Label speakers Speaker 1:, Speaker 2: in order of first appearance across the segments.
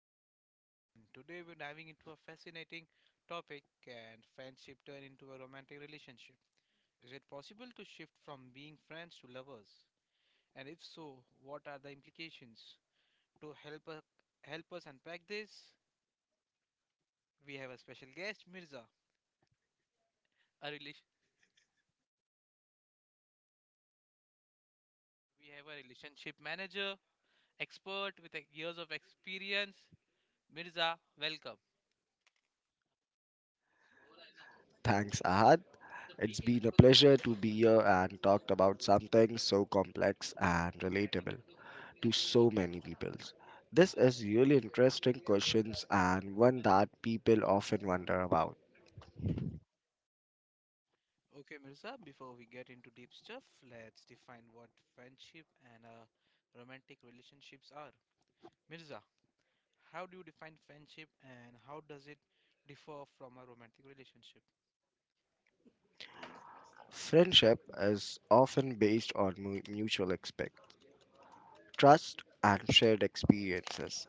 Speaker 1: your host Ahad, and today we're diving into a fascinating topic. Can friendship turn into a romantic relationship? Is it possible to shift from being friends to lovers? And if so, what are the implications? To help us, help us unpack this, we have a special guest, Mirza. A relation, we have a relationship manager, expert with years of experience. Mirza, welcome.
Speaker 2: Thanks, Ahad. It's been a pleasure to be here and talked about something so complex and relatable to so many people. This is really interesting questions and one that people often wonder about.
Speaker 1: Okay, Mirza, before we get into deep stuff, let's define what friendship and romantic relationships are. Mirza, how do you define friendship, and how does it differ from a romantic relationship?
Speaker 2: Friendship is often based on mutual respect, trust, and shared experiences.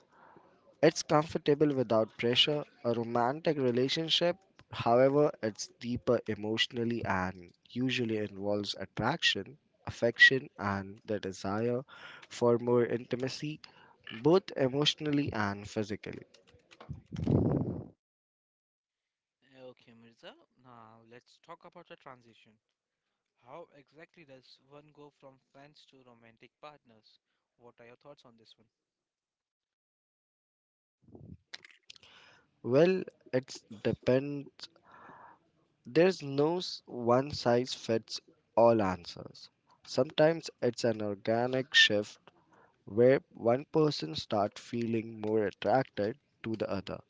Speaker 2: It's comfortable without pressure. A romantic relationship, however, it's deeper emotionally and usually involves attraction, affection, and the desire for more intimacy, both emotionally and physically.
Speaker 1: Okay, Mirza, now let's talk about the transition. How exactly does one go from friends to romantic partners? What are your thoughts on this one?
Speaker 2: Well, it's depends. There's no one size fits all answers. Sometimes it's an organic shift where one person starts feeling more attracted to the other.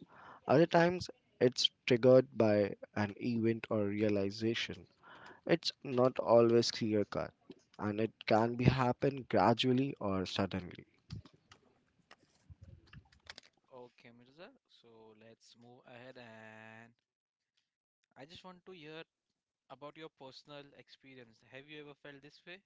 Speaker 2: Other times, it's triggered by an event or realization. It's not always clear cut, and it can be happen gradually or suddenly.
Speaker 1: Okay, Mirza, so let's move ahead, and I just want to hear about your personal experience. Have you ever felt this way?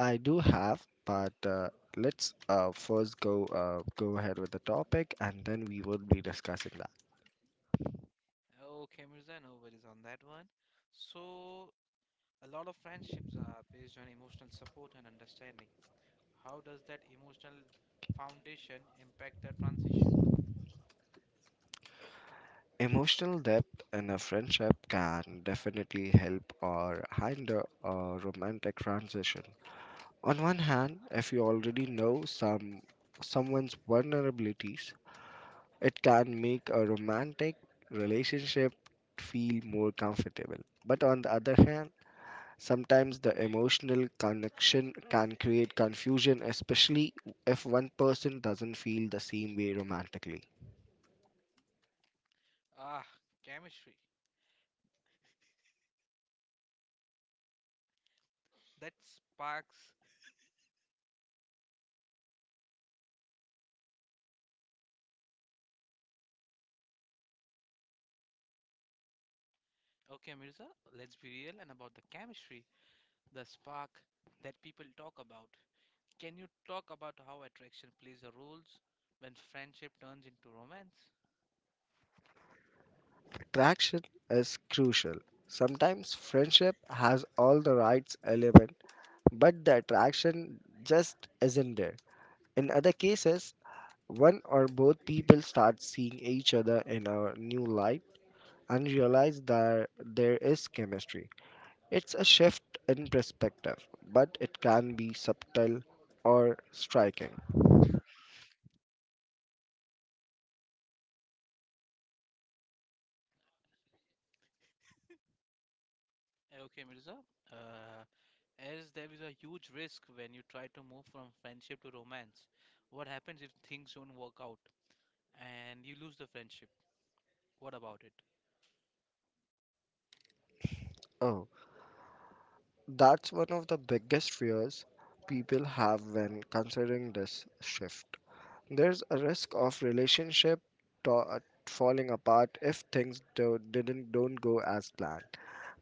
Speaker 2: I do have, but let's first go ahead with the topic, and then we would be discussing that.
Speaker 1: Okay, Mirza, no worries on that one. So, a lot of friendships are based on emotional support and understanding. How does that emotional foundation impact the transition?
Speaker 2: Emotional depth in a friendship can definitely help or hinder a romantic transition. On one hand, if you already know someone's vulnerabilities, it can make a romantic relationship feel more comfortable. But on the other hand, sometimes the emotional connection can create confusion, especially if one person doesn't feel the same way romantically.
Speaker 1: Ah, chemistry. That sparks. Okay, Mirza, let's be real and about the chemistry, the spark that people talk about. Can you talk about how attraction plays a role when friendship turns into romance?
Speaker 2: Attraction is crucial. Sometimes friendship has all the rights element, but the attraction just isn't there. In other cases, one or both people start seeing each other in a new light and realize that there is chemistry. It's a shift in perspective, but it can be subtle or striking.
Speaker 1: Okay, Mirza. Uh, as there is a huge risk when you try to move from friendship to romance, what happens if things don't work out and you lose the friendship? What about it?
Speaker 2: Oh, that's one of the biggest fears people have when considering this shift. There's a risk of relationship to- falling apart if things do- didn't don't go as planned.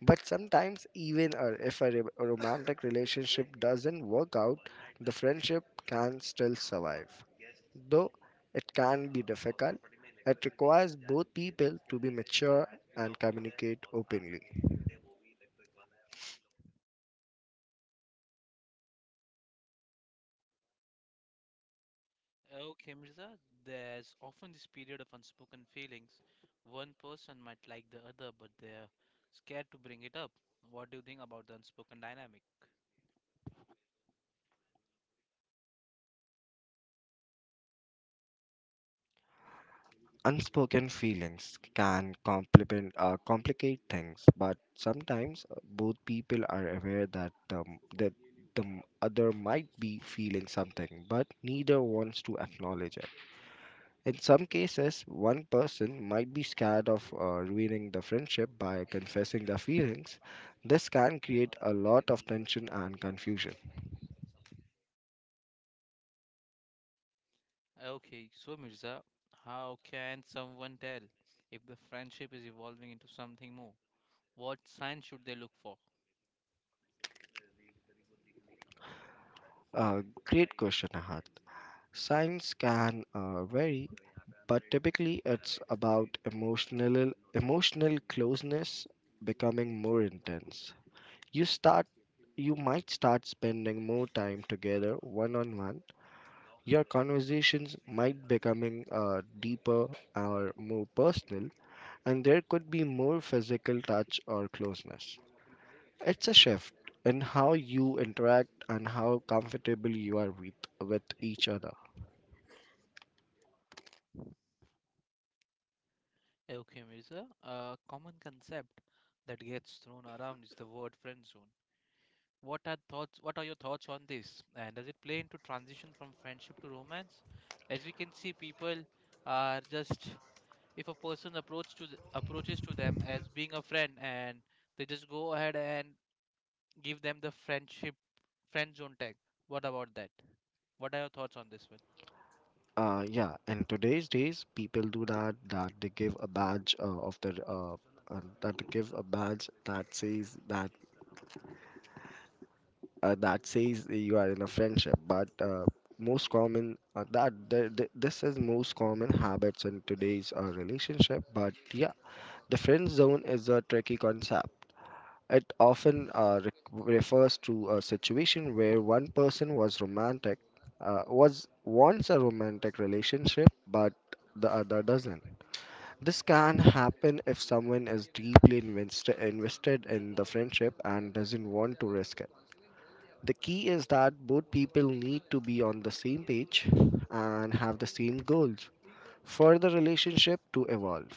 Speaker 2: But sometimes, even if a romantic relationship doesn't work out, the friendship can still survive. Though it can be difficult, it requires both people to be mature and communicate openly.
Speaker 1: Okay, Mirza, there's often this period of unspoken feelings. One person might like the other, but they're scared to bring it up. What do you think about the unspoken dynamic?
Speaker 2: Unspoken feelings can complicate things, but sometimes both people are aware that the other might be feeling something, but neither wants to acknowledge it. In some cases, one person might be scared of ruining the friendship by confessing their feelings. This can create a lot of tension and confusion.
Speaker 1: Okay, so Mirza, how can someone tell if the friendship is evolving into something more? What signs should they look for?
Speaker 2: Great question, Ahad. Science can vary, but typically it's about emotional closeness becoming more intense. You start, you might start spending more time together one on one. Your conversations might becoming deeper or more personal, and there could be more physical touch or closeness. It's a shift in how you interact and how comfortable you are with each other.
Speaker 1: Okay, Mirza. A common concept that gets thrown around is the word friend zone. What are thoughts? What are your thoughts on this? And does it play into transition from friendship to romance? As we can see, people are just, if a person approaches to them as being a friend, and they just go ahead and give them the friend zone tag. What about that? What are your thoughts on this one?
Speaker 2: Yeah, in today's days, people do that, that they give a badge of the that they give a badge that says that that says you are in a friendship. But most common this is most common habits in today's relationship. But yeah, the friend zone is a tricky concept. It often refers to a situation where one person was romantic, was wants a romantic relationship, but the other doesn't. This can happen if someone is deeply invested in the friendship and doesn't want to risk it. The key is that both people need to be on the same page and have the same goals for the relationship to evolve.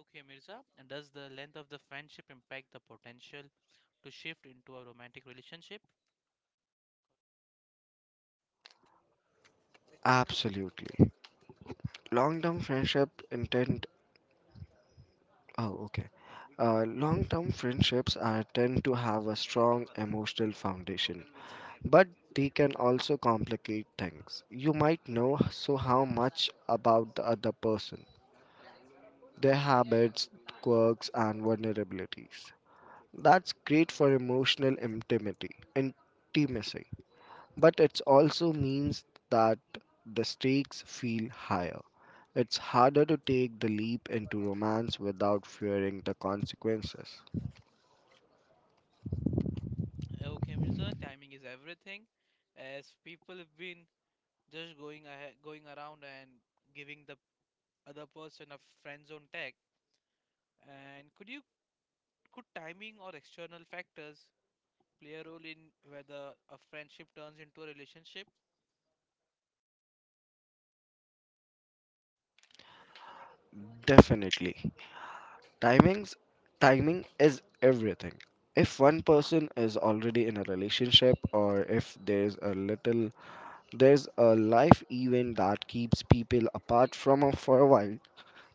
Speaker 1: Okay, Mirza, and does the length of the friendship impact the potential to shift into a romantic relationship?
Speaker 2: Absolutely. Long term friendship intent. Oh, okay. Long term friendships are, tend to have a strong emotional foundation, but they can also complicate things. You might know so how much about the other person, their habits, quirks, and vulnerabilities. That's great for emotional intimacy, but it also means that the stakes feel higher. It's harder to take the leap into romance without fearing the consequences.
Speaker 1: Okay, Mirza, timing is everything. As people have been just going ahead, going around and giving the other person a friend zone tag. And could timing or external factors play a role in whether a friendship turns into a relationship?
Speaker 2: Definitely. Timings, timing is everything. If one person is already in a relationship or if there's a life event that keeps people apart for a while,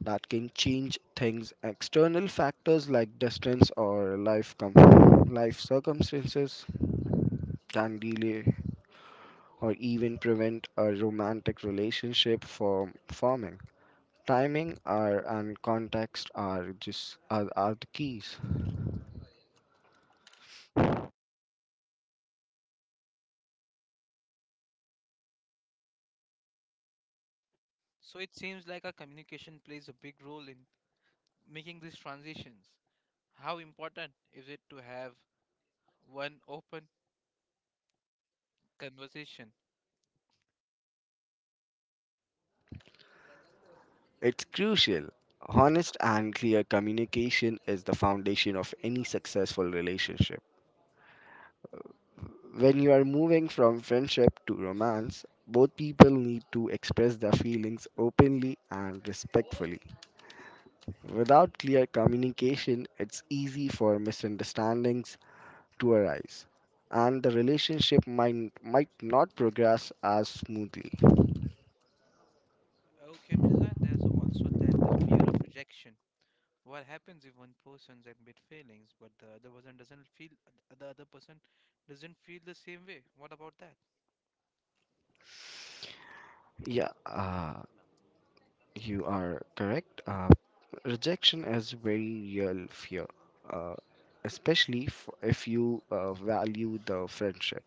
Speaker 2: that can change things. External factors like distance or life circumstances can delay or even prevent a romantic relationship from forming. Timing are and context are the keys.
Speaker 1: So it seems like our communication plays a big role in making these transitions. How important is it to have one open conversation.
Speaker 2: It's crucial. Honest and clear communication is the foundation of any successful relationship. When you are moving from friendship to romance, both people need to express their feelings openly and respectfully. Without clear communication, it's easy for misunderstandings to arise, and the relationship might not progress as smoothly.
Speaker 1: Okay, Mirzan, there's also that the fear of rejection. What happens if one person admit failings, but the other person doesn't feel the same way? What about that?
Speaker 2: Yeah, you are correct. Rejection is very real fear, uh, especially if you value the friendship.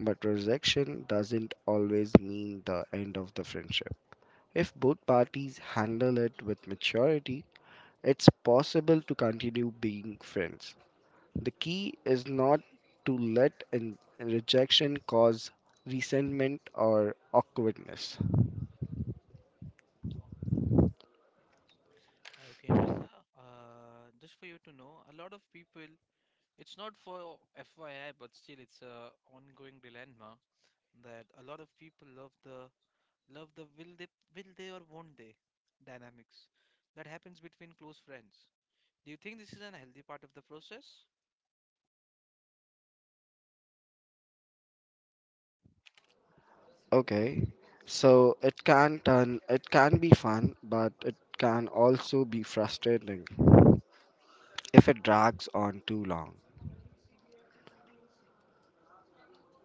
Speaker 2: But rejection doesn't always mean the end of the friendship. If both parties handle it with maturity, it's possible to continue being friends. The key is not to let an rejection cause resentment or awkwardness.
Speaker 1: Okay, Mirza, just for you to know, a lot of people, it's not for FYI, but still it's a ongoing dilemma that a lot of people love the will they or won't they dynamics that happens between close friends. Do you think this is an healthy part of the process?
Speaker 2: Okay, so it can be fun, but it can also be frustrating if it drags on too long.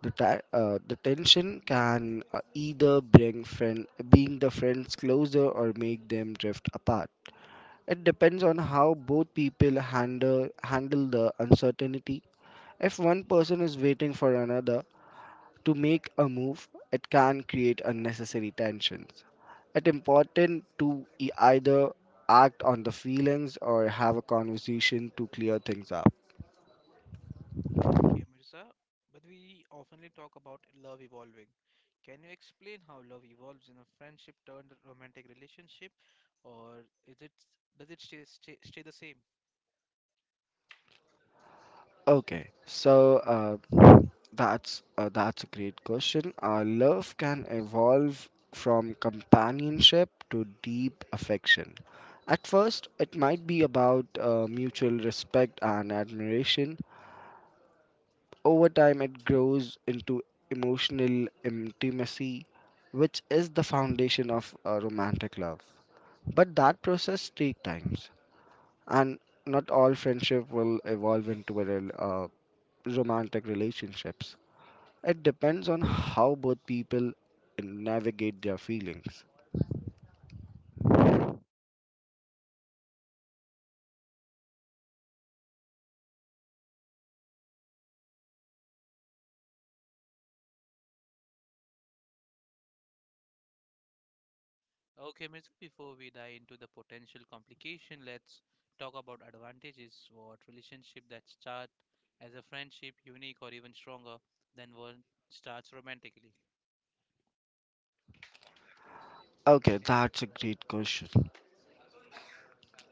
Speaker 2: The tension can either bring friends closer or make them drift apart. It depends on how both people handle the uncertainty. If one person is waiting for another to make a move, it can create unnecessary tensions. It's important to either act on the feelings or have a conversation to clear things up.
Speaker 1: Okay, Mirza, but we oftenly talk about love evolving. Can you explain how love evolves in a friendship turned romantic relationship, or is it does it stay the same?
Speaker 2: Okay, so uh, that's a great question. Love can evolve from companionship to deep affection. At first, it might be about mutual respect and admiration. Over time, it grows into emotional intimacy, which is the foundation of a romantic love. But that process takes time, and not all friendship will evolve into a romantic relationships. It depends on how both people navigate their feelings.
Speaker 1: Okay, Mirza, before we dive into the potential complication, let's talk about advantages. What relationship that start as a friendship, unique or even stronger than one starts romantically.
Speaker 2: Okay, that's a great question.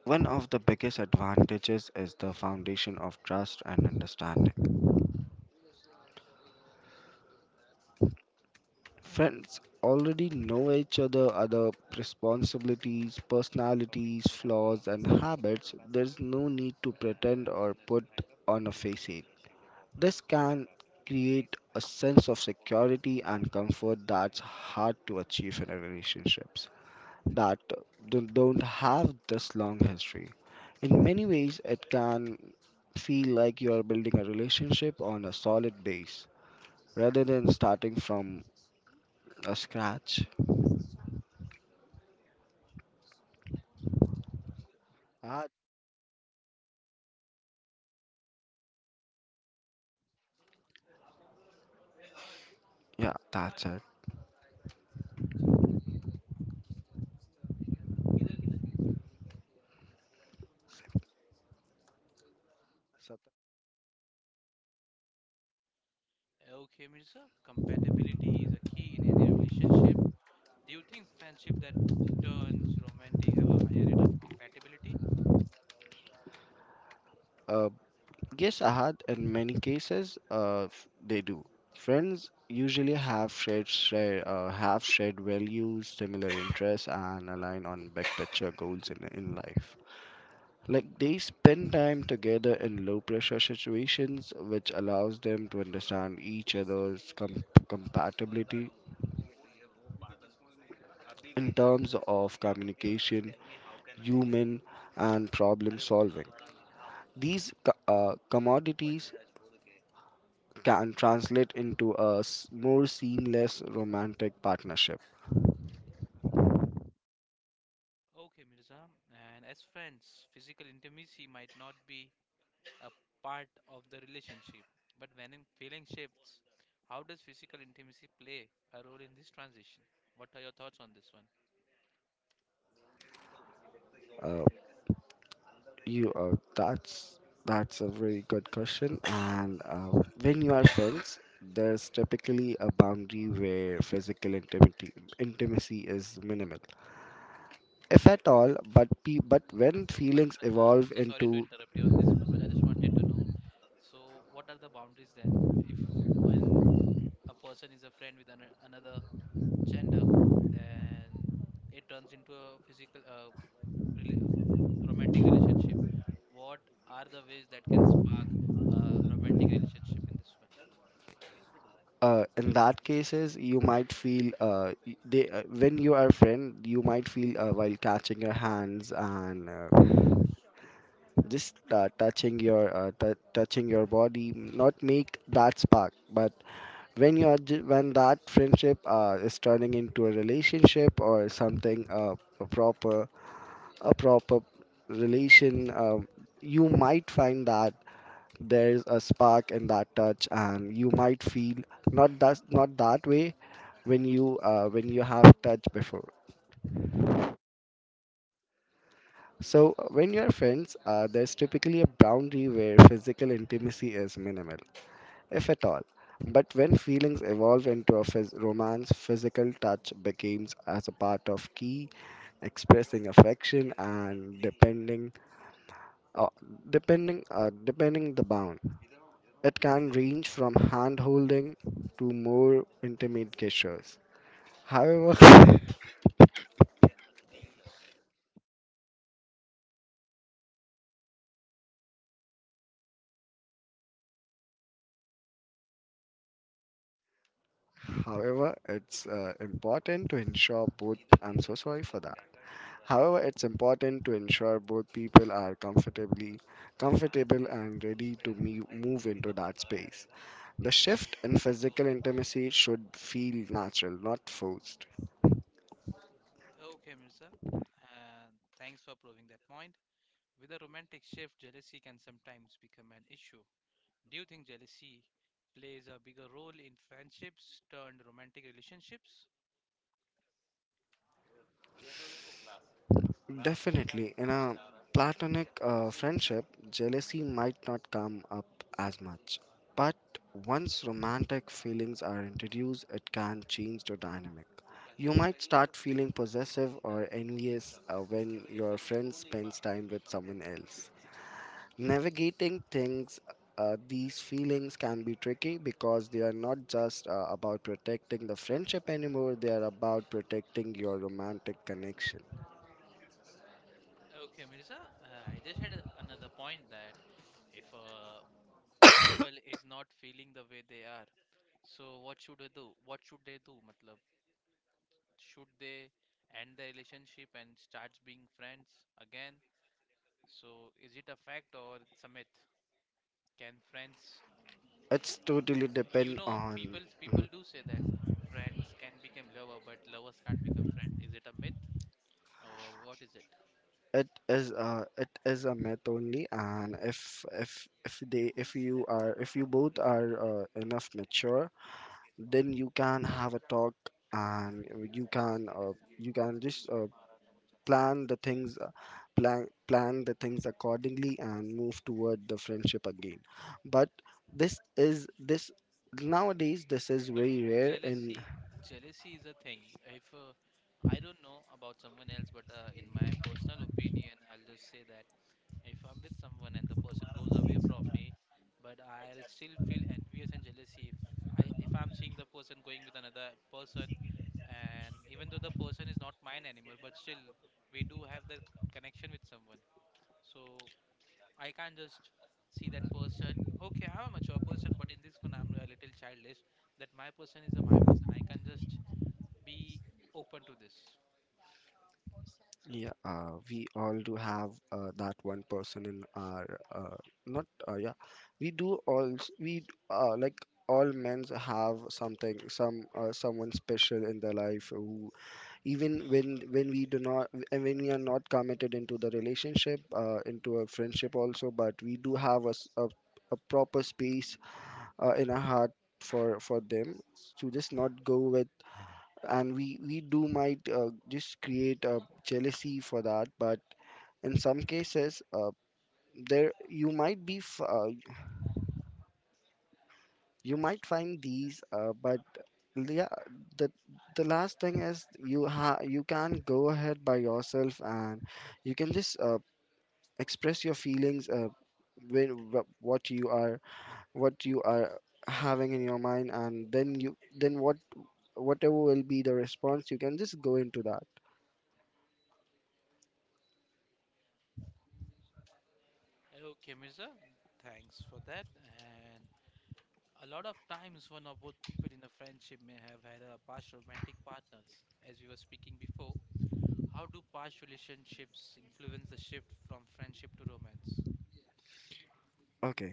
Speaker 2: One of the biggest advantages is the foundation of trust and understanding. Friends already know other responsibilities, personalities, flaws, and habits. There's no need to pretend or put on a facade. This can create a sense of security and comfort that's hard to achieve in a relationships that don't have this long history. In many ways, it can feel like you are building a relationship on a solid base rather than starting from a scratch. Uh, Yeah, that's it. Sat-
Speaker 1: Okay, Mirza, compatibility is a key in any relationship. Do you think friendship that turns romantic have a higher rate of compatibility?
Speaker 2: Uh, yes, ahad. In many cases, they do. Friends usually have shared values, similar interests, and align on big picture goals in life. Like they spend time together in low pressure situations, which allows them to understand each other's compatibility in terms of communication, human, and problem solving. These commodities can translate into a more seamless romantic partnership.
Speaker 1: Okay, Mirza. And as friends, physical intimacy might not be a part of the relationship. But when in feeling shifts, how does physical intimacy play a role in this transition? What are your thoughts on this one?
Speaker 2: Uh, you that's a very good question. And when you are friends, there's typically a boundary where physical intimacy is minimal, if at all. But but when
Speaker 1: So, but,
Speaker 2: feelings
Speaker 1: but uh, I'm
Speaker 2: evolve
Speaker 1: so sorry to
Speaker 2: into
Speaker 1: interrupt you on this one, but I just wanted to know. So, what are the boundaries then? If When a person is a friend with another gender, then it turns into a physical, rela- romantic relationship. What are the ways that can spark a romantic relationship in this one?
Speaker 2: in that cases you might feel y- they when you are friend you might feel while catching your hands and just touching your touching your body not make that spark, but when you are when that friendship is turning into a relationship or something a proper relation you might find that there's a spark in that touch and you might feel not that way when you have touched before. So when you're friends, there's typically a boundary where physical intimacy is minimal, if at all. But when feelings evolve into a romance, physical touch becomes as a part of key expressing affection and uh, depending the bound. It can range from hand holding to more intimate gestures. However, however, it's important to ensure both. I'm so sorry for that. However, it's important to ensure both people are comfortably comfortable and ready to move into that space. The shift in physical intimacy should feel natural, not forced.
Speaker 1: Okay, Mirza. And thanks for proving that point. With a romantic shift, jealousy can sometimes become an issue. Do you think jealousy plays a bigger role in friendships turned romantic relationships?
Speaker 2: Definitely, in a platonic friendship, jealousy might not come up as much. But once romantic feelings are introduced, it can change the dynamic. You might start feeling possessive or envious when your friend spends time with someone else. Navigating things, these feelings can be tricky because they are not just about protecting the friendship anymore, they are about protecting your romantic connection.
Speaker 1: Okay, Mirza, I just had another point, that if a couple is not feeling the way they are, so what should they do? What should they do? Matlab, should they end the relationship and start being friends again? So is it a fact or it's a myth? Can friends,
Speaker 2: It's totally
Speaker 1: you
Speaker 2: depend
Speaker 1: know,
Speaker 2: on
Speaker 1: people do say that friends can become lover, but lovers can't become friend. Is it a myth? Or what is it?
Speaker 2: it is a myth only, and if you both are enough mature, then you can have a talk and you can uh, you can just plan the things, plan the things accordingly and move toward the friendship again. But this nowadays this is
Speaker 1: But
Speaker 2: very rare in.
Speaker 1: jealousy jealousy is a thing. If I don't know about someone else, but in my personal opinion I'll just say that if I'm with someone and the person goes away from me, but I'll still feel envious and jealousy if I if I'm seeing the person going with another person, and even though the person is not mine anymore, but still we do have the connection with someone, so I can't just see that person. Okay, I'm a mature person, but in this one, I'm a little childish. That my person is a my person. I can just be open to this.
Speaker 2: Yeah, we all do have that one person in our, uh, not yeah, we do all s- we d- like all men's have something someone special in their life who, even when we do not and when we are not committed into the relationship, into a friendship also, but we do have a proper space in our heart for them, to just not go with. And we do might just create a jealousy for that. But in some cases, there you might be f- you might find these. But yeah, the the last thing is you can go ahead by yourself and you can just express your feelings, what you are, what you are having in your mind, and then you then what whatever will be the response, you can just go into that.
Speaker 1: Okay, Mirza, thanks for that. And a lot of times, one or both people in a friendship may have had a past romantic partners. As we were speaking before, how do past relationships influence the shift from friendship to romance?
Speaker 2: Okay,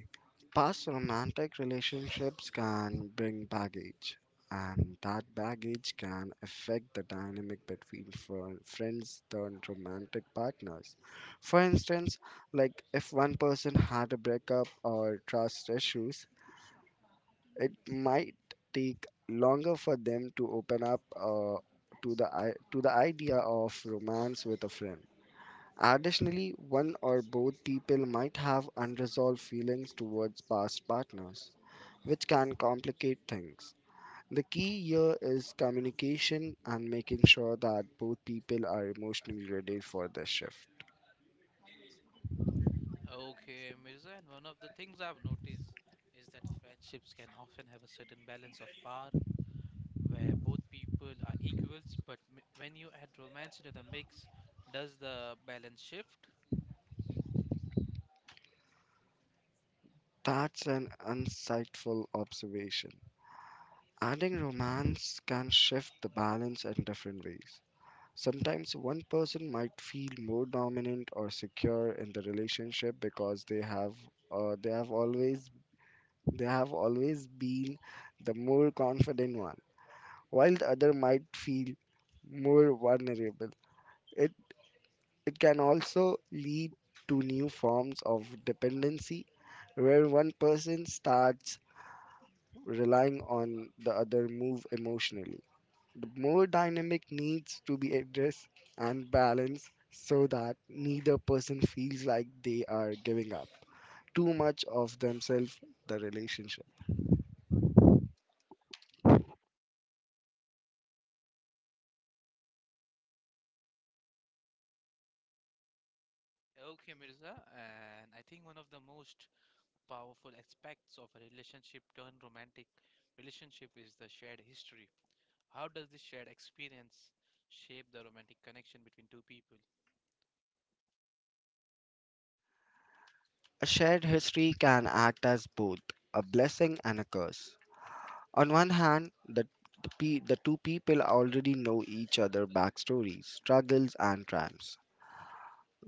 Speaker 2: past romantic relationships can bring baggage, and that baggage can affect the dynamic between friends turned romantic partners. For instance, like if one person had a breakup or trust issues, it might take longer for them to open up to the to the idea of romance with a friend. Additionally, one or both people might have unresolved feelings towards past partners, which can complicate things. The key here is communication and making sure that both people are emotionally ready for the shift.
Speaker 1: Okay, Mirza, and one of the things I've noticed is that friendships can often have a certain balance of power where both people are equals, but when you add romance into the mix, does the balance shift?
Speaker 2: That's an insightful observation. Adding romance can shift the balance in different ways. Sometimes one person might feel more dominant or secure in the relationship because uh, they have always they have always been the more confident one, while the other might feel more vulnerable. It, it can also lead to new forms of dependency where one person starts relying on the other move emotionally. The more dynamic needs to be addressed and balanced so that neither person feels like they are giving up too much of themselves the relationship.
Speaker 1: Okay, Mirza, and I think one of the most powerful aspects of a relationship turned romantic relationship is the shared history. How does this shared experience shape the romantic connection between two people?
Speaker 2: A shared history can act as both a blessing and a curse. On one hand, the two people already know each other backstories, struggles, and triumphs.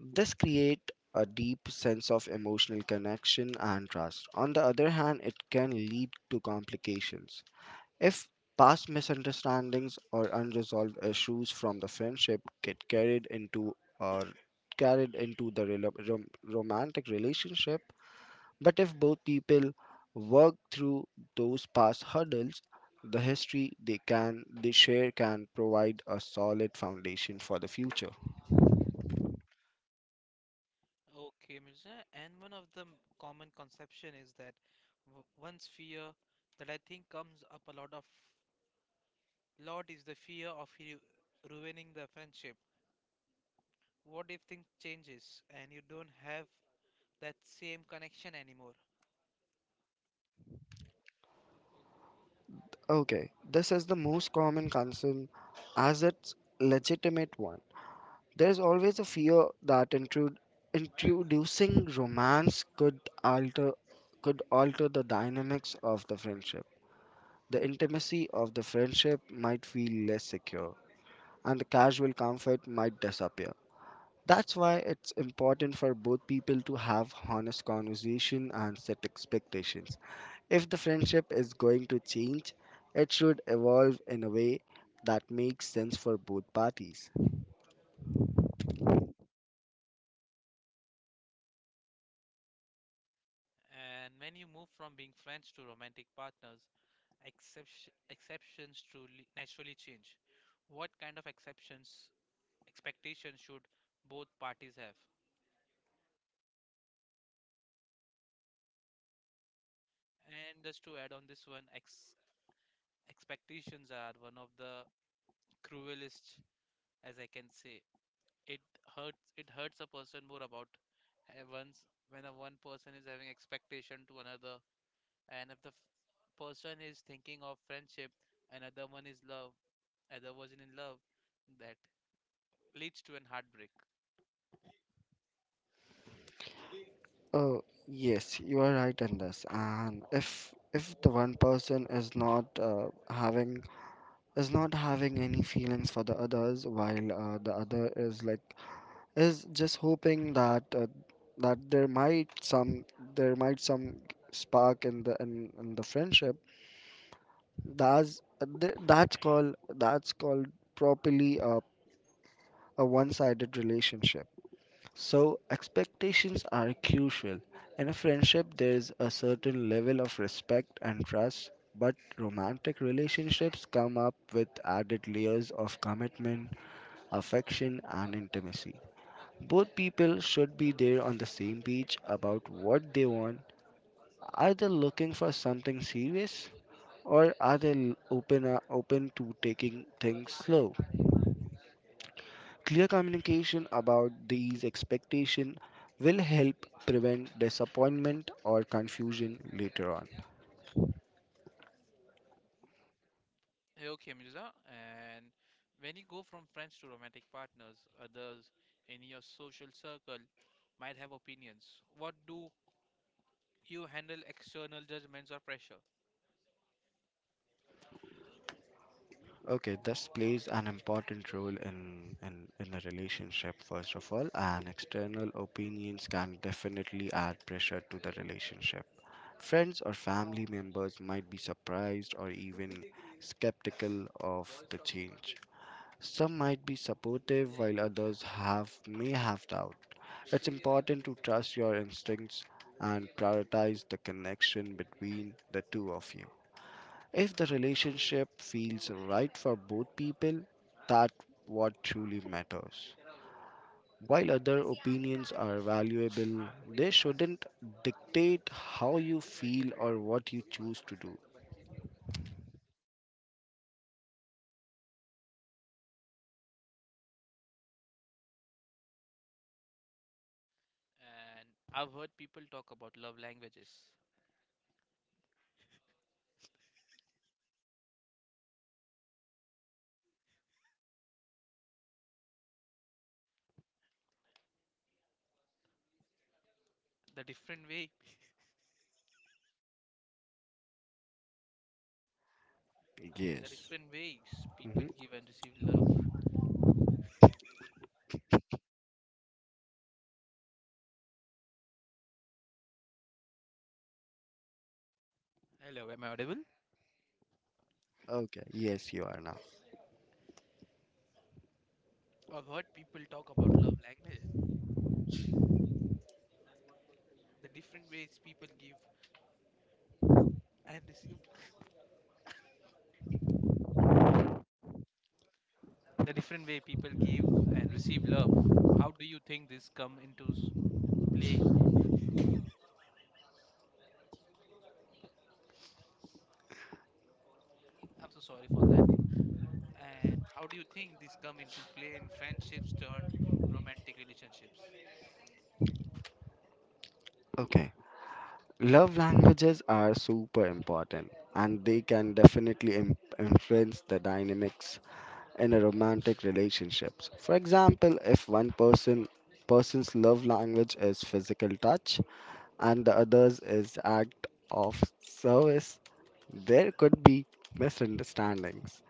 Speaker 2: This creates a deep sense of emotional connection and trust. On the other hand, it can lead to complications. If past misunderstandings or unresolved issues from the friendship get carried into or carried into the romantic relationship, but if both people work through those past hurdles, the history they share can provide a solid foundation for the future.
Speaker 1: Okay, Mirza, and one of the common conception is that one sphere that I think comes up a lot is the fear of you ruining the friendship. What if things changes and you don't have that same connection anymore?
Speaker 2: Okay, this is the most common concern, as it's legitimate one. There's always a fear that introducing romance could alter, could alter the dynamics of the friendship. The intimacy of the friendship might feel less secure and the casual comfort might disappear. That's why it's important for both people to have honest conversation and set expectations. If the friendship is going to change, it should evolve in a way that makes sense for both parties.
Speaker 1: And when you move from being friends to romantic partners, exceptions truly naturally change. What kind of exceptions expectations should both parties have? And just to add on this one, expectations are one of the cruelest, as I can say. it it hurts a person more about once when a one person is having expectation to another, and if the person is thinking of friendship, another one is love, other wasn't in love, that leads to an heartbreak.
Speaker 2: Oh, yes, you are right in this. And if the one person is not having, is not having any feelings for the others, while the other is like is just hoping that there might some, there might some spark in the friendship. that's that's called, that's called properly a one-sided relationship. So expectations are crucial. In a friendship there is a certain level of respect and trust, but romantic relationships come up with added layers of commitment, affection and intimacy. Both people should be there on the same page about what they want. Are they looking for something serious, or are they open to taking things slow? Clear communication about these expectations will help prevent disappointment or confusion later on.
Speaker 1: Hey, okay, Mirza, and when you go from friends to romantic partners, others in your social circle might have opinions. What do you handle external judgments or pressure?
Speaker 2: Okay, this plays an important role in a relationship, first of all, and external opinions can definitely add pressure to the relationship. Friends or family members might be surprised or even skeptical of the change. Some might be supportive while others have may have doubt. It's important to trust your instincts and prioritize the connection between the two of you. If the relationship feels right for both people, that's what truly matters. While other opinions are valuable, they shouldn't dictate how you feel or what you choose to do.
Speaker 1: And I've heard people talk about love languages, the different way the
Speaker 2: Yes.
Speaker 1: different ways people
Speaker 2: Hmm.
Speaker 1: give and receive love. Hello, am I audible?
Speaker 2: Okay, yes, you are now.
Speaker 1: I've heard people talk about love language. The different ways people give and receive the different way people give and receive love. How do you think this come play? I'm so sorry for that. And how do you think this come into play in friendships turned romantic relationships?
Speaker 2: Okay, love languages are super important and they can definitely influence the dynamics in a romantic relationships. For example, if one person person's love language is physical touch and the other's is act of service, there could be misunderstandings.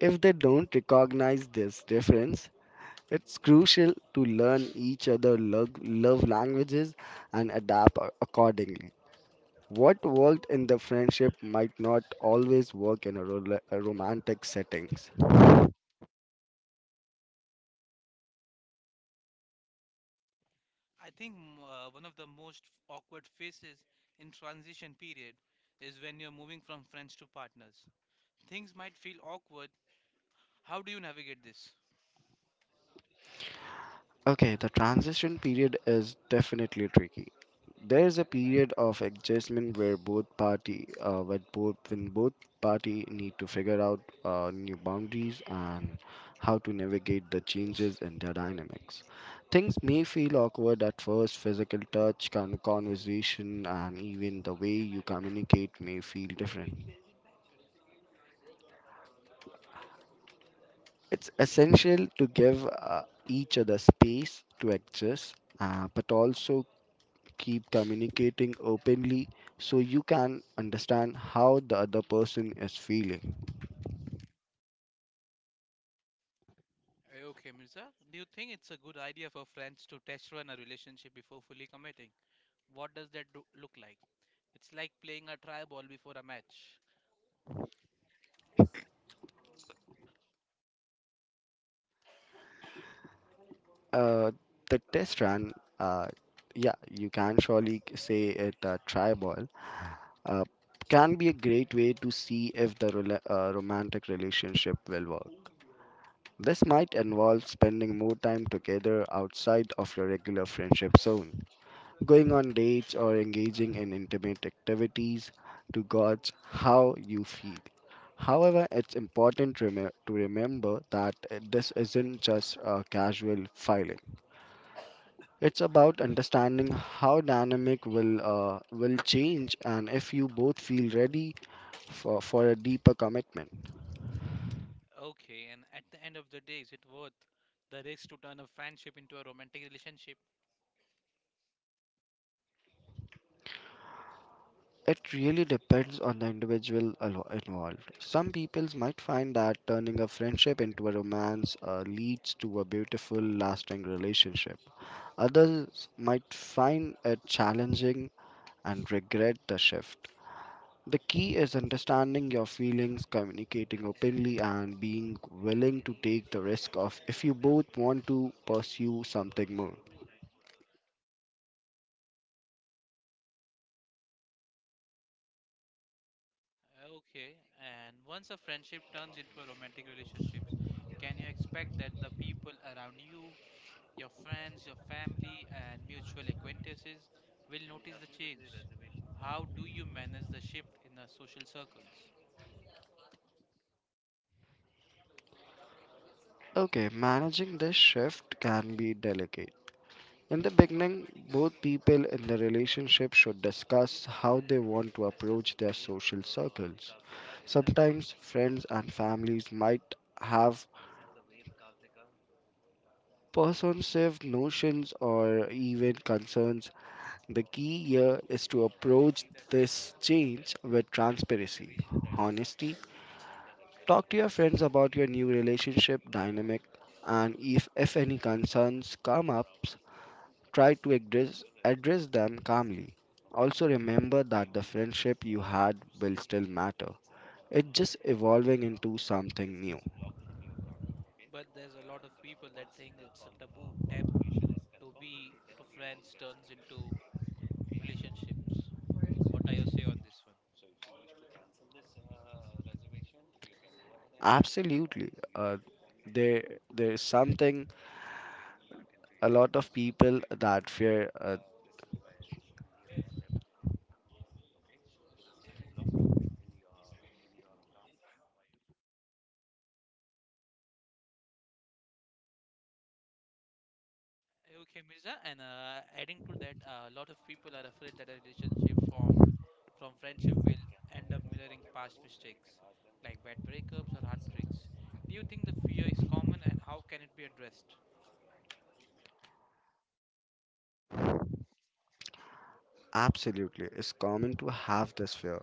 Speaker 2: If they don't recognize this difference, it's crucial to learn each other love languages and adapt accordingly. What worked in the friendship might not always work in a romantic settings.
Speaker 1: I think one of the most awkward phases in transition period is when you're moving from friends to partners. Things might feel awkward. How do you navigate this?
Speaker 2: Okay, the transition period is definitely tricky. There is a period of adjustment where both party, when both party need to figure out new boundaries and how to navigate the changes in their dynamics. Things may feel awkward at first. Physical touch, conversation, and even the way you communicate may feel different. It's essential to give each other space to adjust, but also keep communicating openly so you can understand how the other person is feeling.
Speaker 1: Okay, Mirza, do you think it's a good idea for friends to test run a relationship before fully committing? What does look like? It's like playing a try ball before a match.
Speaker 2: Uh, the test run, uh, yeah, you can surely say it a try ball, uh, can be a great way to see if the romantic relationship will work. This might involve spending more time together outside of your regular friendship zone, going on dates or engaging in intimate activities to gauge how you feel. However, it's important to, to remember that this isn't just a casual filing. It's about understanding how dynamic will change and if you both feel ready for a deeper commitment.
Speaker 1: Okay, and at the end of the day, is it worth the risk to turn a friendship into a romantic relationship?
Speaker 2: It really depends on the individual involved. Some peoples might find that turning a friendship into a romance leads to a beautiful, lasting relationship. Others might find it challenging and regret the shift. The key is understanding your feelings, communicating openly, and being willing to take the risk of if you both want to pursue something more.
Speaker 1: Okay, and once a friendship turns into a romantic relationship, can you expect that the people around you, your friends, your family, and mutual acquaintances, will notice the change. How do you manage the shift in the social circles?
Speaker 2: Okay, managing this shift can be delicate. In the beginning, both people in the relationship should discuss how they want to approach their social circles. Sometimes friends and families might have persuasive notions or even concerns. The key here is to approach this change with transparency, honesty. Talk to your friends about your new relationship dynamic, and if any concerns come up, try to address them calmly. Also, remember that the friendship you had will still matter. It's just evolving into something new.
Speaker 1: But there's a lot of people that think it's a taboo. Taboo to be to friends turns into relationships. What are your say on this one?
Speaker 2: Absolutely. There, there's something a lot of people that fear.
Speaker 1: Okay, Mirza, and adding to that, a lot of people are afraid that a relationship formed from friendship will end up mirroring past mistakes, like bad breakups or heartbreaks. Do you think the fear is common and how can it be addressed?
Speaker 2: Absolutely. It's common to have this fear.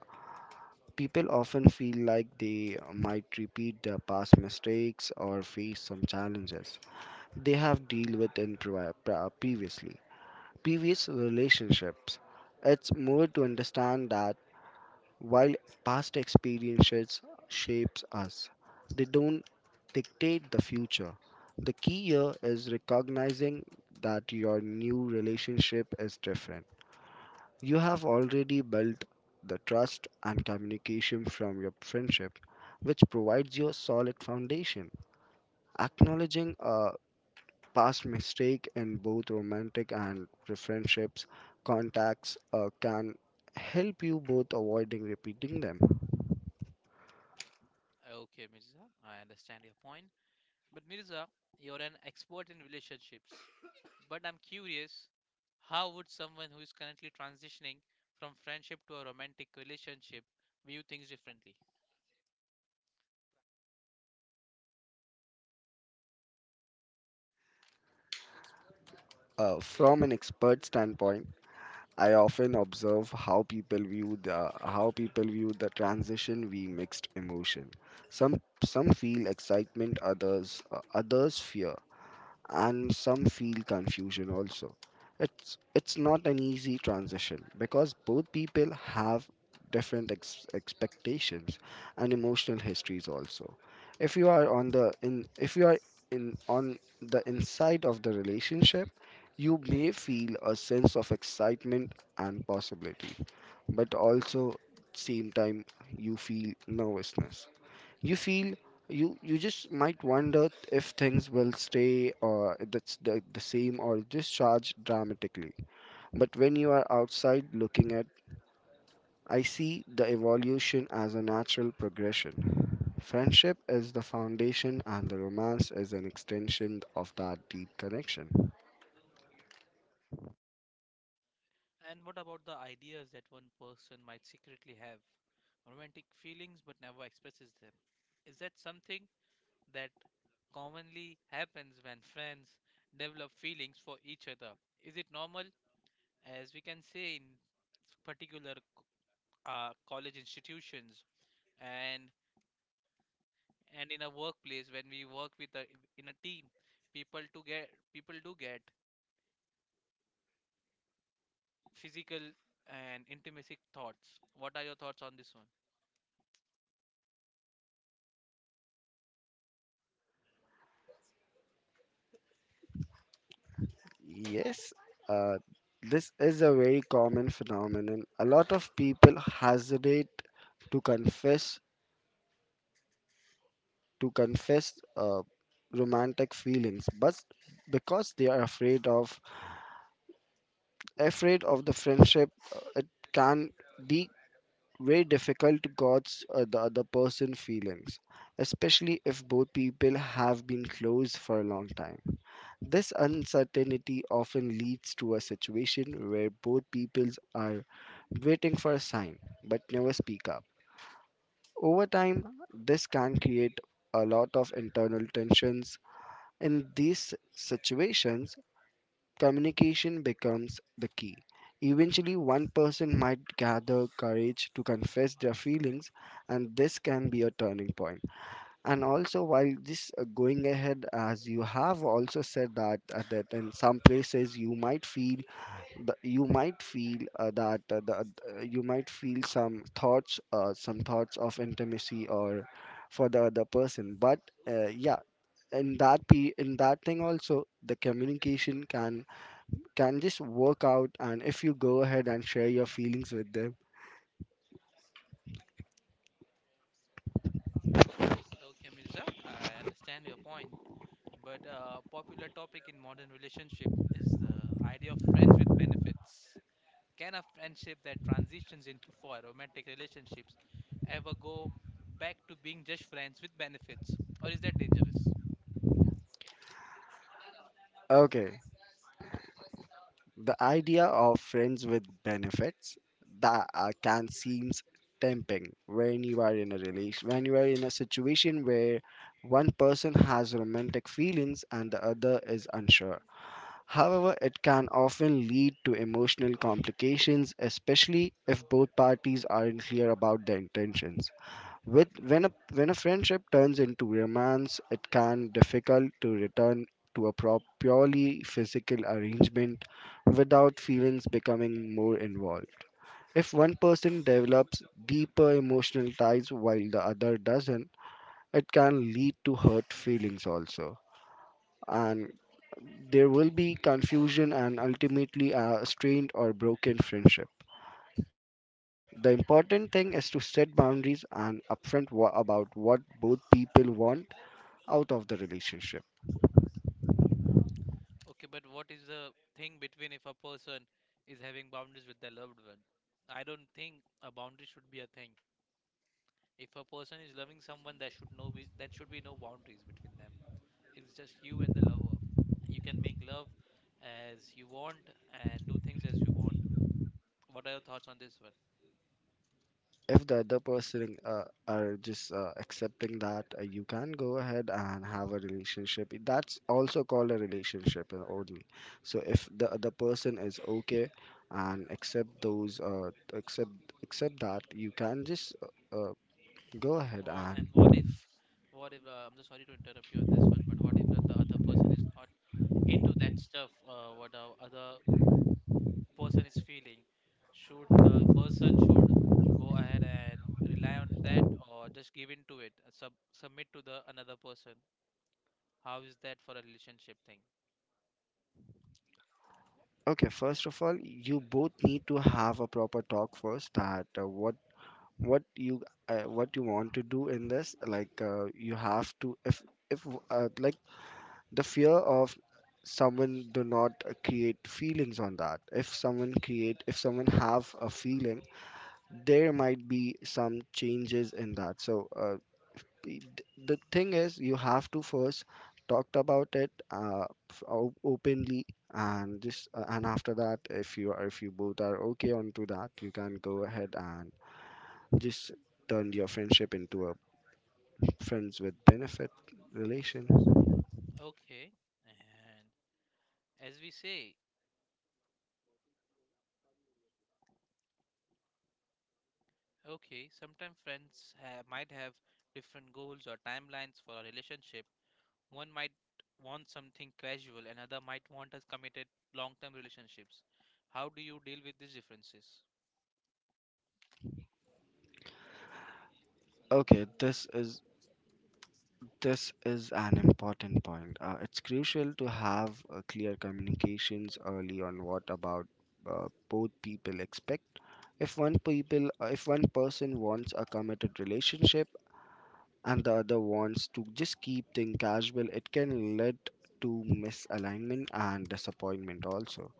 Speaker 2: People often feel like they might repeat their past mistakes or face some challenges they have dealt with in previously previous relationships. It's more to understand that while past experiences shapes us, they don't dictate the future. The key here is recognizing that your new relationship is different. You have already built the trust and communication from your friendship, which provides you a solid foundation. Acknowledging a past mistake in both romantic and friendships contacts can help you both avoiding repeating them.
Speaker 1: Okay, Mirza, I understand your point. But Mirza, you're an expert in relationships, but I'm curious, how would someone who is currently transitioning from friendship to a romantic relationship view things differently?
Speaker 2: From an expert standpoint, I often observe how people view the transition we mixed emotion. Some feel excitement, others others fear, and some feel confusion also. It's not an easy transition because both people have different expectations and emotional histories also. If you are in on the inside of the relationship, you may feel a sense of excitement and possibility, but also same time you feel nervousness, you feel, you just might wonder if things will stay or that's the same or just charge dramatically. But when you are outside looking at, I see the evolution as a natural progression. Friendship is the foundation and the romance is an extension of that deep connection.
Speaker 1: And what about the ideas that one person might secretly have? Romantic feelings but never expresses them. Is that something that commonly happens when friends develop feelings for each other? Is it normal, as we can say in particular college institutions and in a workplace when we work with in a team, people do get physical and intimacy thoughts. What are your thoughts on this one?
Speaker 2: Yes. uh, this is a very common phenomenon. A lot of people hesitate to confess, to confess romantic feelings, but because they are afraid of, afraid of the friendship. It can be very difficult to gauge the other person feelings, especially if both people have been close for a long time. This uncertainty often leads to a situation where both peoples are waiting for a sign but never speak up. Over time, this can create a lot of internal tensions. In these situations, communication becomes the key. Eventually, one person might gather courage to confess their feelings, and this can be a turning point. And also, while this going ahead, as you have also said that that in some places you might feel you might feel you might feel some thoughts of intimacy or for the other person. But uh, yeah, in that p in that thing also the communication can just work out, and if you go ahead and share your feelings with them.
Speaker 1: Okay, Mirza, I understand your point, but a popular topic in modern relationship is the idea of friends with benefits. Can a friendship that transitions into for romantic relationships ever go back to being just friends with benefits, or is that dangerous?
Speaker 2: Okay, the idea of friends with benefits, that can seems tempting when you are in a situation where one person has romantic feelings and the other is unsure. However, it can often lead to emotional complications, especially if both parties aren't clear about their intentions. With when a friendship turns into romance, it can difficult to return to a purely physical arrangement without feelings becoming more involved. If one person develops deeper emotional ties while the other doesn't, it can lead to hurt feelings also. And there will be confusion and ultimately a strained or broken friendship. The important thing is to set boundaries and upfront about what both people want out of the relationship.
Speaker 1: Okay, but what is the thing between if a person is having boundaries with their loved one? I don't think a boundary should be a thing. If a person is loving someone, there should be no boundaries between them. It's just you and the lover. You can make love as you want and do things as you want. What are your thoughts on this one?
Speaker 2: If the other person are just accepting that, you can go ahead and have a relationship. That's also called a relationship only. So if the other person is okay and accept those, accept that, you can just uh, uh, go ahead
Speaker 1: What, and
Speaker 2: and.
Speaker 1: what if, I'm just sorry to interrupt you on this one, but what if the other person is not into that stuff, what the other person is feeling? Should the person should go ahead and rely on that or just give in to it, submit to the another person? How is that for a relationship thing?
Speaker 2: Okay, first of all, you both need to have a proper talk first that what what you what you want to do in this, like you have to. If like, the fear of someone do not create feelings on that. If someone create if someone have a feeling, there might be some changes in that. So the thing is, you have to first talked about it openly, and just and after that, if you are if you both are okay onto that, you can go ahead and just turned your friendship into a friends with benefit relation.
Speaker 1: Okay. And as we say, okay, sometimes might have different goals or timelines for a relationship. One might want something casual, another might want a committed long term relationships. How do you deal with these differences?
Speaker 2: Okay, this is an important point. It's crucial to have clear communications early on what about both people expect. If one person wants a committed relationship and the other wants to just keep things casual, it can lead to misalignment and disappointment also.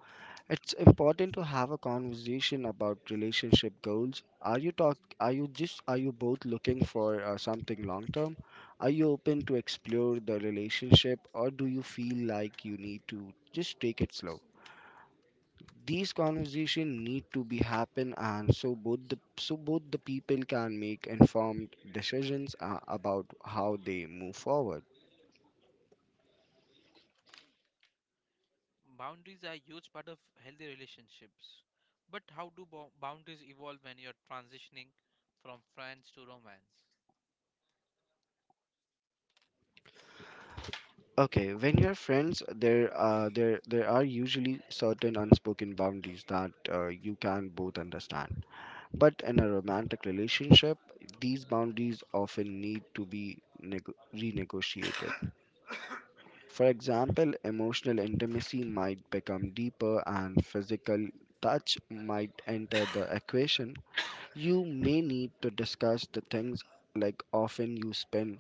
Speaker 2: It's important to have a conversation about relationship goals. Are you talk are you just are you both looking for something long term? Are you open to explore the relationship, or do you feel like you need to just take it slow? These conversations need to be happen, and so both the people can make informed decisions about how they move forward.
Speaker 1: Boundaries are a huge part of healthy relationships. But how do boundaries evolve when you're transitioning from friends to romance?
Speaker 2: Okay, when you're friends, there there are usually certain unspoken boundaries that you can both understand. But in a romantic relationship, these boundaries often need to be renegotiated. For example, emotional intimacy might become deeper, and physical touch might enter the equation. You may need to discuss the things like often you spend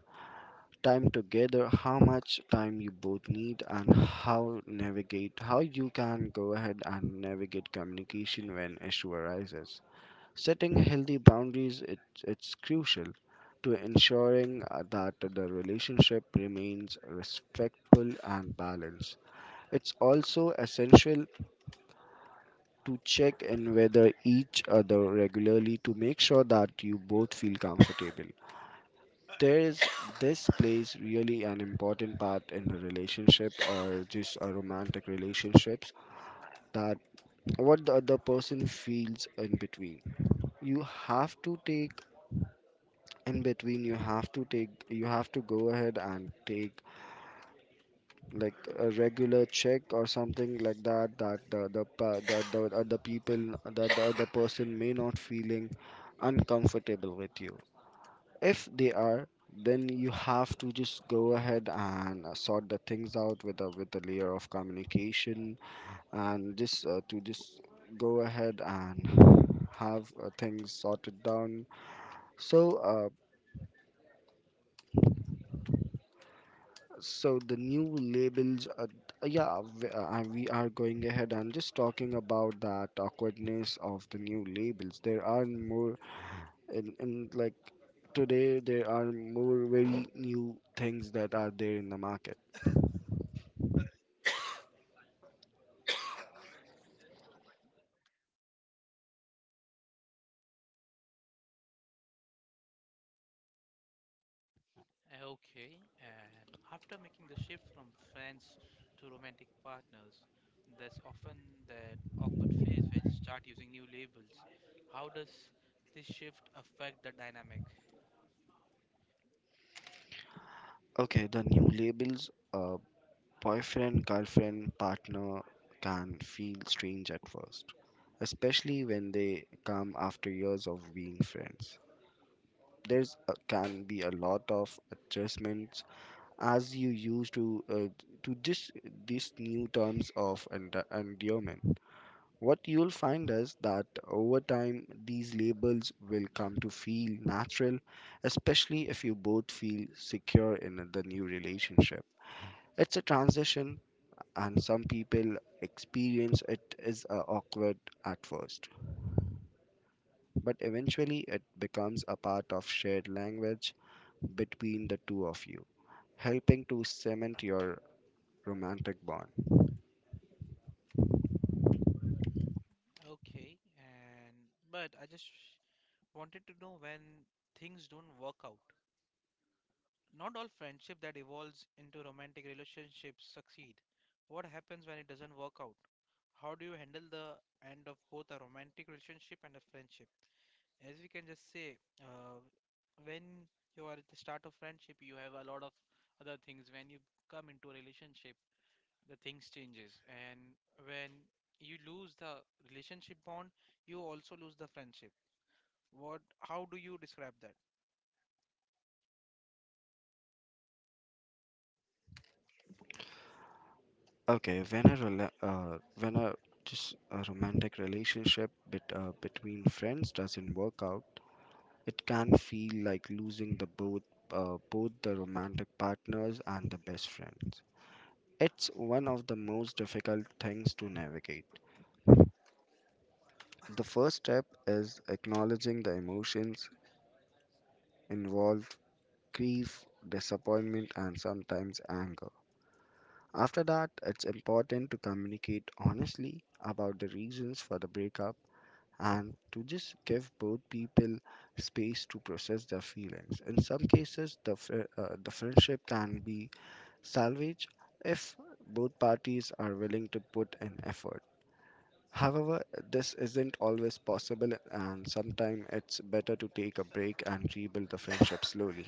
Speaker 2: time together, how much time you both need, and how you can go ahead and navigate communication when issue arises. Setting healthy boundaries, it's crucial to ensuring that the relationship remains respectful and balanced. It's also essential to check in with each other regularly to make sure that you both feel comfortable. There is, this plays really an important part in a relationship or just a romantic relationships, that what the other person feels in between You have to take, in between you have to take, you have to go ahead and take like a regular check or something like that, that the other people, that the other person may not feeling uncomfortable with you. If they are, then you have to just go ahead and sort the things out with a layer of communication, and just to just go ahead and have things sorted down. So uh, so the new labels, yeah, we are going ahead and just talking about that awkwardness of the new labels. There are more, in like today, there are more very new things that are there in the market.
Speaker 1: Okay, and after making the shift from friends to romantic partners, there's often that awkward phase where you start using new labels. How does this shift affect the dynamic?
Speaker 2: Okay, the new labels, boyfriend, girlfriend, partner, can feel strange at first, especially when they come after years of being friends. There's a, can be a lot of adjustments as you used to just these new terms of endearment. What you'll find is that over time these labels will come to feel natural, especially if you both feel secure in the new relationship. It's a transition, and some people experience it is awkward at first, but eventually it becomes a part of shared language between the two of you, helping to cement your romantic bond.
Speaker 1: Okay, and but I just wanted to know when things don't work out. Not all friendship that evolves into romantic relationships succeed. What happens when it doesn't work out? How do you handle the end of both a romantic relationship and a friendship? As we can just say, uh, when you are at the start of friendship, you have a lot of other things. When you come into a relationship, the things changes, and when you lose the relationship bond, you also lose the friendship. What? How do you describe that?
Speaker 2: Okay, when a just a romantic relationship between friends doesn't work out, it can feel like losing the both both the romantic partners and the best friends. It's one of the most difficult things to navigate. The first step is acknowledging the emotions involved: grief, disappointment, and sometimes anger. After that, it's important to communicate honestly about the reasons for the breakup and to just give both people space to process their feelings. In some cases, the friendship can be salvaged if both parties are willing to put in effort. However, this isn't always possible, and sometimes it's better to take a break and rebuild the friendship slowly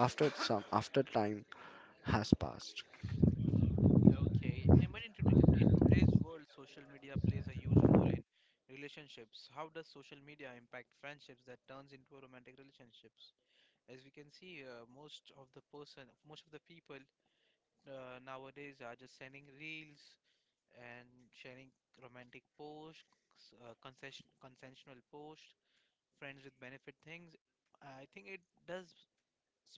Speaker 2: after some after time has passed.
Speaker 1: Okay, and but today in today's world, social media plays a huge role in relationships. How does social media impact friendships that turns into a romantic relationships? As we can see, most of the people nowadays are just sending reels and sharing romantic posts, consensual posts, friends with benefit things. I think it does s-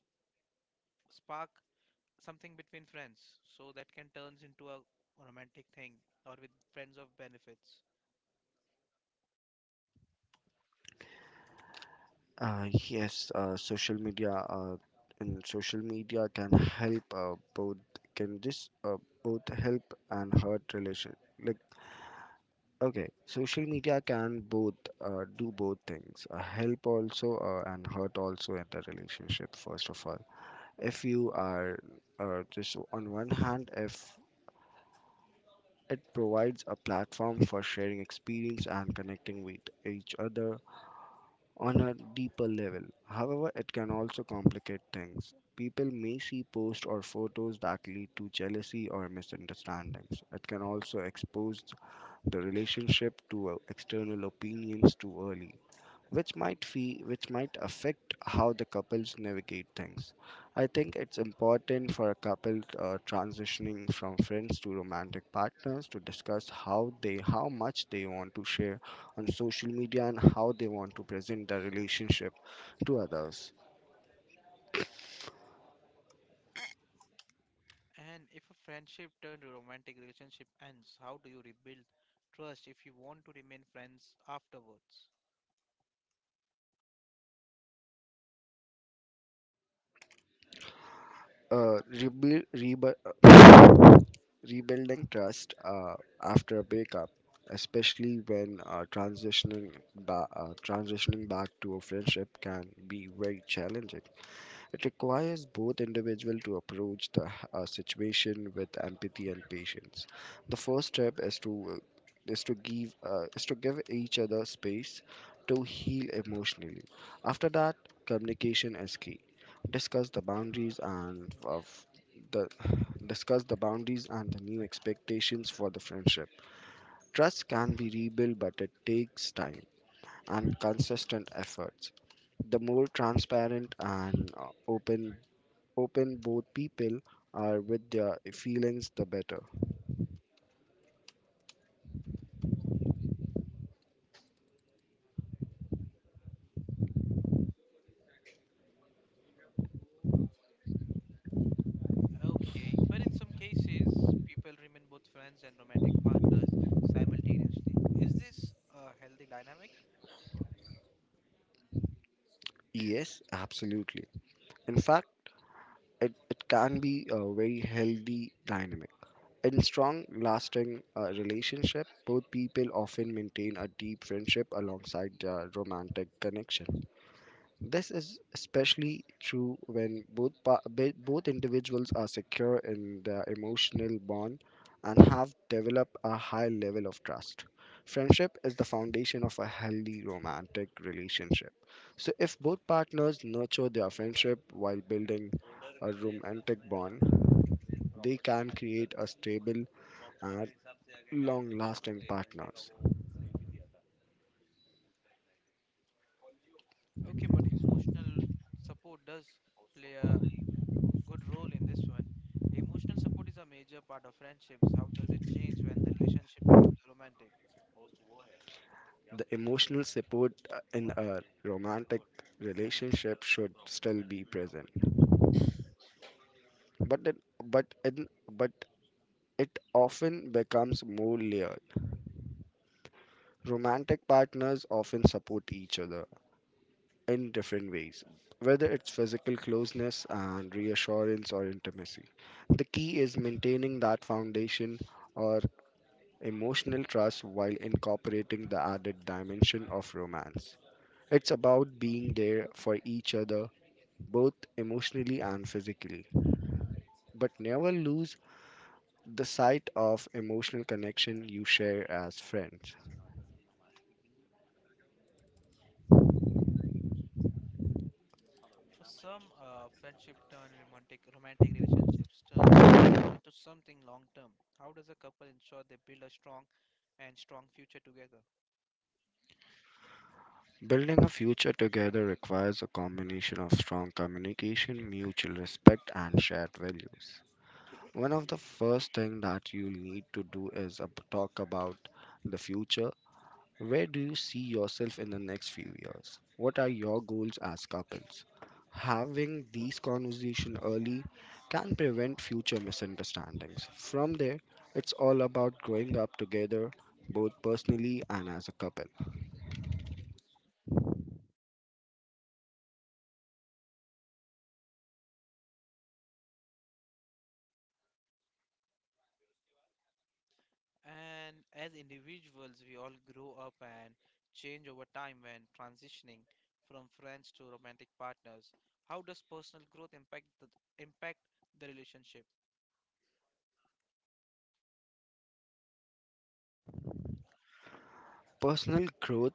Speaker 1: spark something between friends, so that can turns into a romantic thing or with friends of benefits.
Speaker 2: Yes, social media and social media can help both can this both help and hurt relation. Like okay, social media can both do both things, help also and hurt also in the relationship. First of all, if you are just, on one hand, if it provides a platform for sharing experience and connecting with each other on a deeper level. However, it can also complicate things. People may see posts or photos that lead to jealousy or misunderstandings. It can also expose the relationship to external opinions too early, which which might affect how the couples navigate things. I think it's important for a couple transitioning from friends to romantic partners to discuss how much they want to share on social media and how they want to present their relationship to others.
Speaker 1: And if a friendship turned to romantic relationship ends, how do you rebuild trust if you want to remain friends afterwards?
Speaker 2: uh, rebu- rebu- uh, Rebuilding trust after a breakup, especially when transitioning transitioning back to a friendship, can be very challenging. It requires both individual to approach the situation with empathy and patience. The first step is to is to give each other space to heal emotionally. After that, communication is key. Discuss the boundaries and of the discuss the boundaries and the new expectations for the friendship. Trust can be rebuilt, but it takes time and consistent efforts. The more transparent and open both people are with their feelings, the better.
Speaker 1: Okay, but in some cases, people remain both friends and romantic partners simultaneously. Is this a healthy dynamic?
Speaker 2: Yes, absolutely. In fact, it can be a very healthy dynamic. In strong, lasting relationship, both people often maintain a deep friendship alongside their romantic connection. This is especially true when both individuals are secure in their emotional bond and have developed a high level of trust. Friendship is the foundation of a healthy romantic relationship. So if both partners nurture their friendship while building a romantic bond, they can create a stable and long-lasting partners.
Speaker 1: Okay, but emotional support does play a good role in this one. Emotional support is a major part of friendships. How does it change when the relationship becomes romantic?
Speaker 2: The emotional support in a romantic relationship should still be present, but but it often becomes more layered. Romantic partners often support each other in different ways, whether it's physical closeness and reassurance or intimacy. The key is maintaining that foundation or emotional trust while incorporating the added dimension of romance. It's about being there for each other both emotionally and physically, but never lose the sight of emotional connection you share as friends.
Speaker 1: For some, friendship turn romantic romantic relationships turns into something long term. How does a couple ensure they build a strong and strong future together?
Speaker 2: Building a future together requires a combination of strong communication, mutual respect, and shared values. One of the first thing that you need to do is talk about the future. Where do you see yourself in the next few years? What are your goals as couples? Having these conversations early can prevent future misunderstandings. From there, it's all about growing up together, both personally and as a couple.
Speaker 1: And as individuals, we all grow up and change over time when transitioning from friends to romantic partners. How does personal growth impact the relationship?
Speaker 2: Personal growth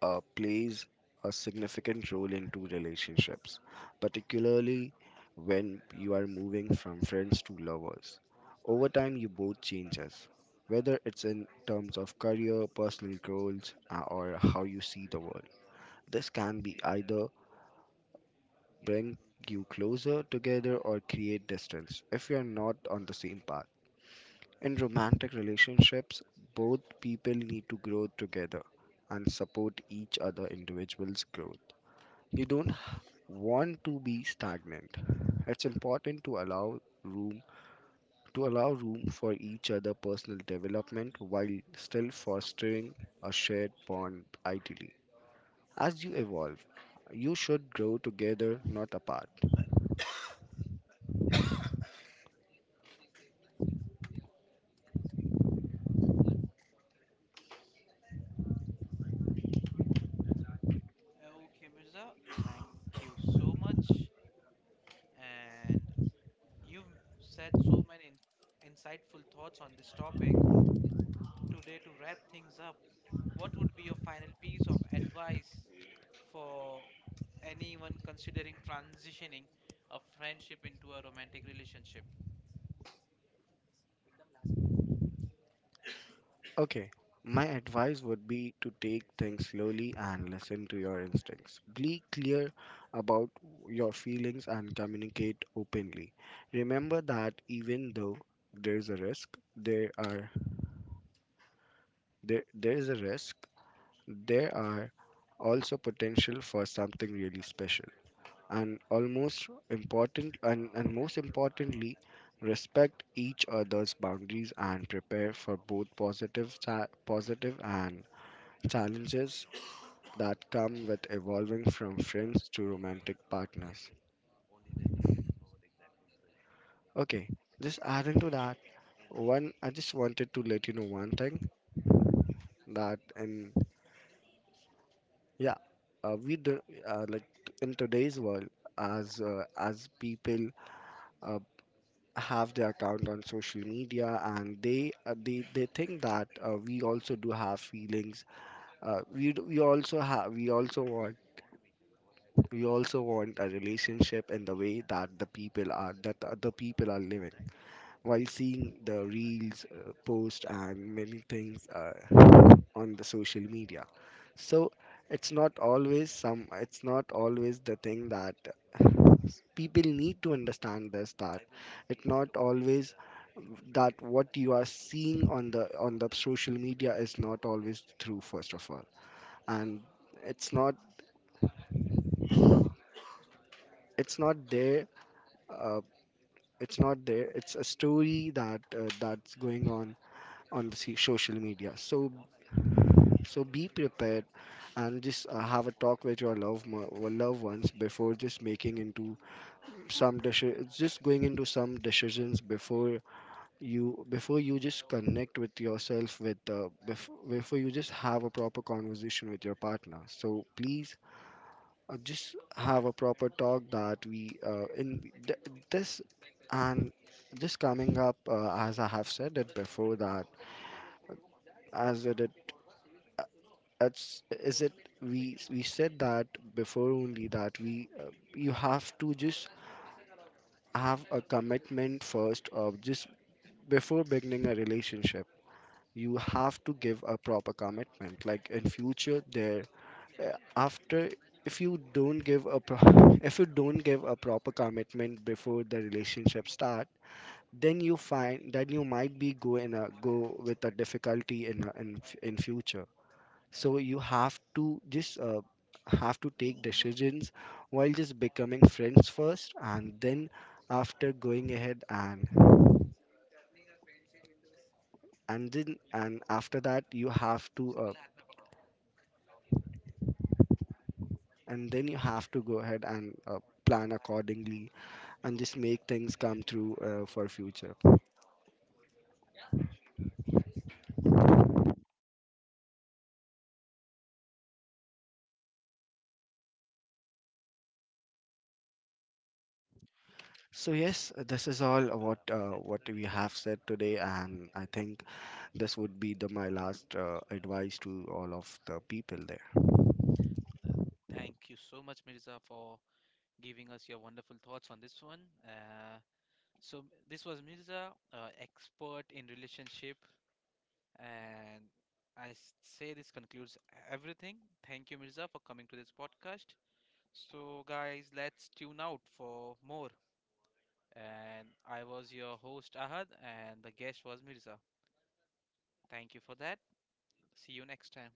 Speaker 2: plays a significant role into relationships, particularly when you are moving from friends to lovers. Over time, you both changes, whether it's in terms of career, personal goals, or how you see the world. This can be either bring you closer together or create distance if you are not on the same path. In romantic relationships, both people need to grow together and support each other individuals' growth. You don't want to be stagnant. It's important to allow room for each other personal development while still fostering a shared bond ideally. As you evolve, you should grow together, not apart.
Speaker 1: Okay, Mirza, thank you so much. And you've said so many insightful thoughts on this topic. Today, to wrap things up, what would be your final piece of advice for anyone considering transitioning a friendship into a romantic relationship.
Speaker 2: Okay. My advice would be to take things slowly and listen to your instincts. Be clear about your feelings and communicate openly. Remember that even though there's a risk, there is a risk. There are also potential for something really special. And almost important and most importantly, respect each other's boundaries and prepare for both positive and challenges that come with evolving from friends to romantic partners. Okay, just adding to that, one, I just wanted to let you know one thing, that in, yeah, we do, in today's world, as people uh, have their account on social media, and they think that we also do have feelings. We do, we also want a relationship in the way that the people are that the other people are living while seeing the reels, post, and many things on the social media. So it's not always some. It's not always the thing, that people need to understand this, that it's not always that what you are seeing on the social media is not always true. First of all, and it's not. it's not there. Uh, it's not there. It's a story that that's going on the social media. So be prepared and just have a talk with your loved mo- or loved ones before just making into some decisions, just going into some decisions, before you just connect with yourself with before you just have a proper conversation with your partner. So please just have a proper talk that we this, and just coming up, as I have said it before, that as it did, that's is it, we said that before only, that we you have to just have a commitment first, of just before beginning a relationship you have to give a proper commitment, like in future there, after if you don't give a if you don't give a proper commitment before the relationship start, then you find that you might be go with a difficulty in a, in future. So you have to just have to take decisions while just becoming friends first, and then after going ahead, and then, and after that, you have to and then you have to go ahead and plan accordingly and just make things come through for future. So yes, this is all what we have said today, and I think this would be the my last advice to all of the people there.
Speaker 1: Thank you so much, Mirza, for giving us your wonderful thoughts on this one. So this was Mirza, expert in relationship, and say this concludes everything. Thank you, Mirza, for coming to this podcast. So guys, let's tune out for more. And I was your host Ahad, and the guest was Mirza. Thank you for that. See you next time.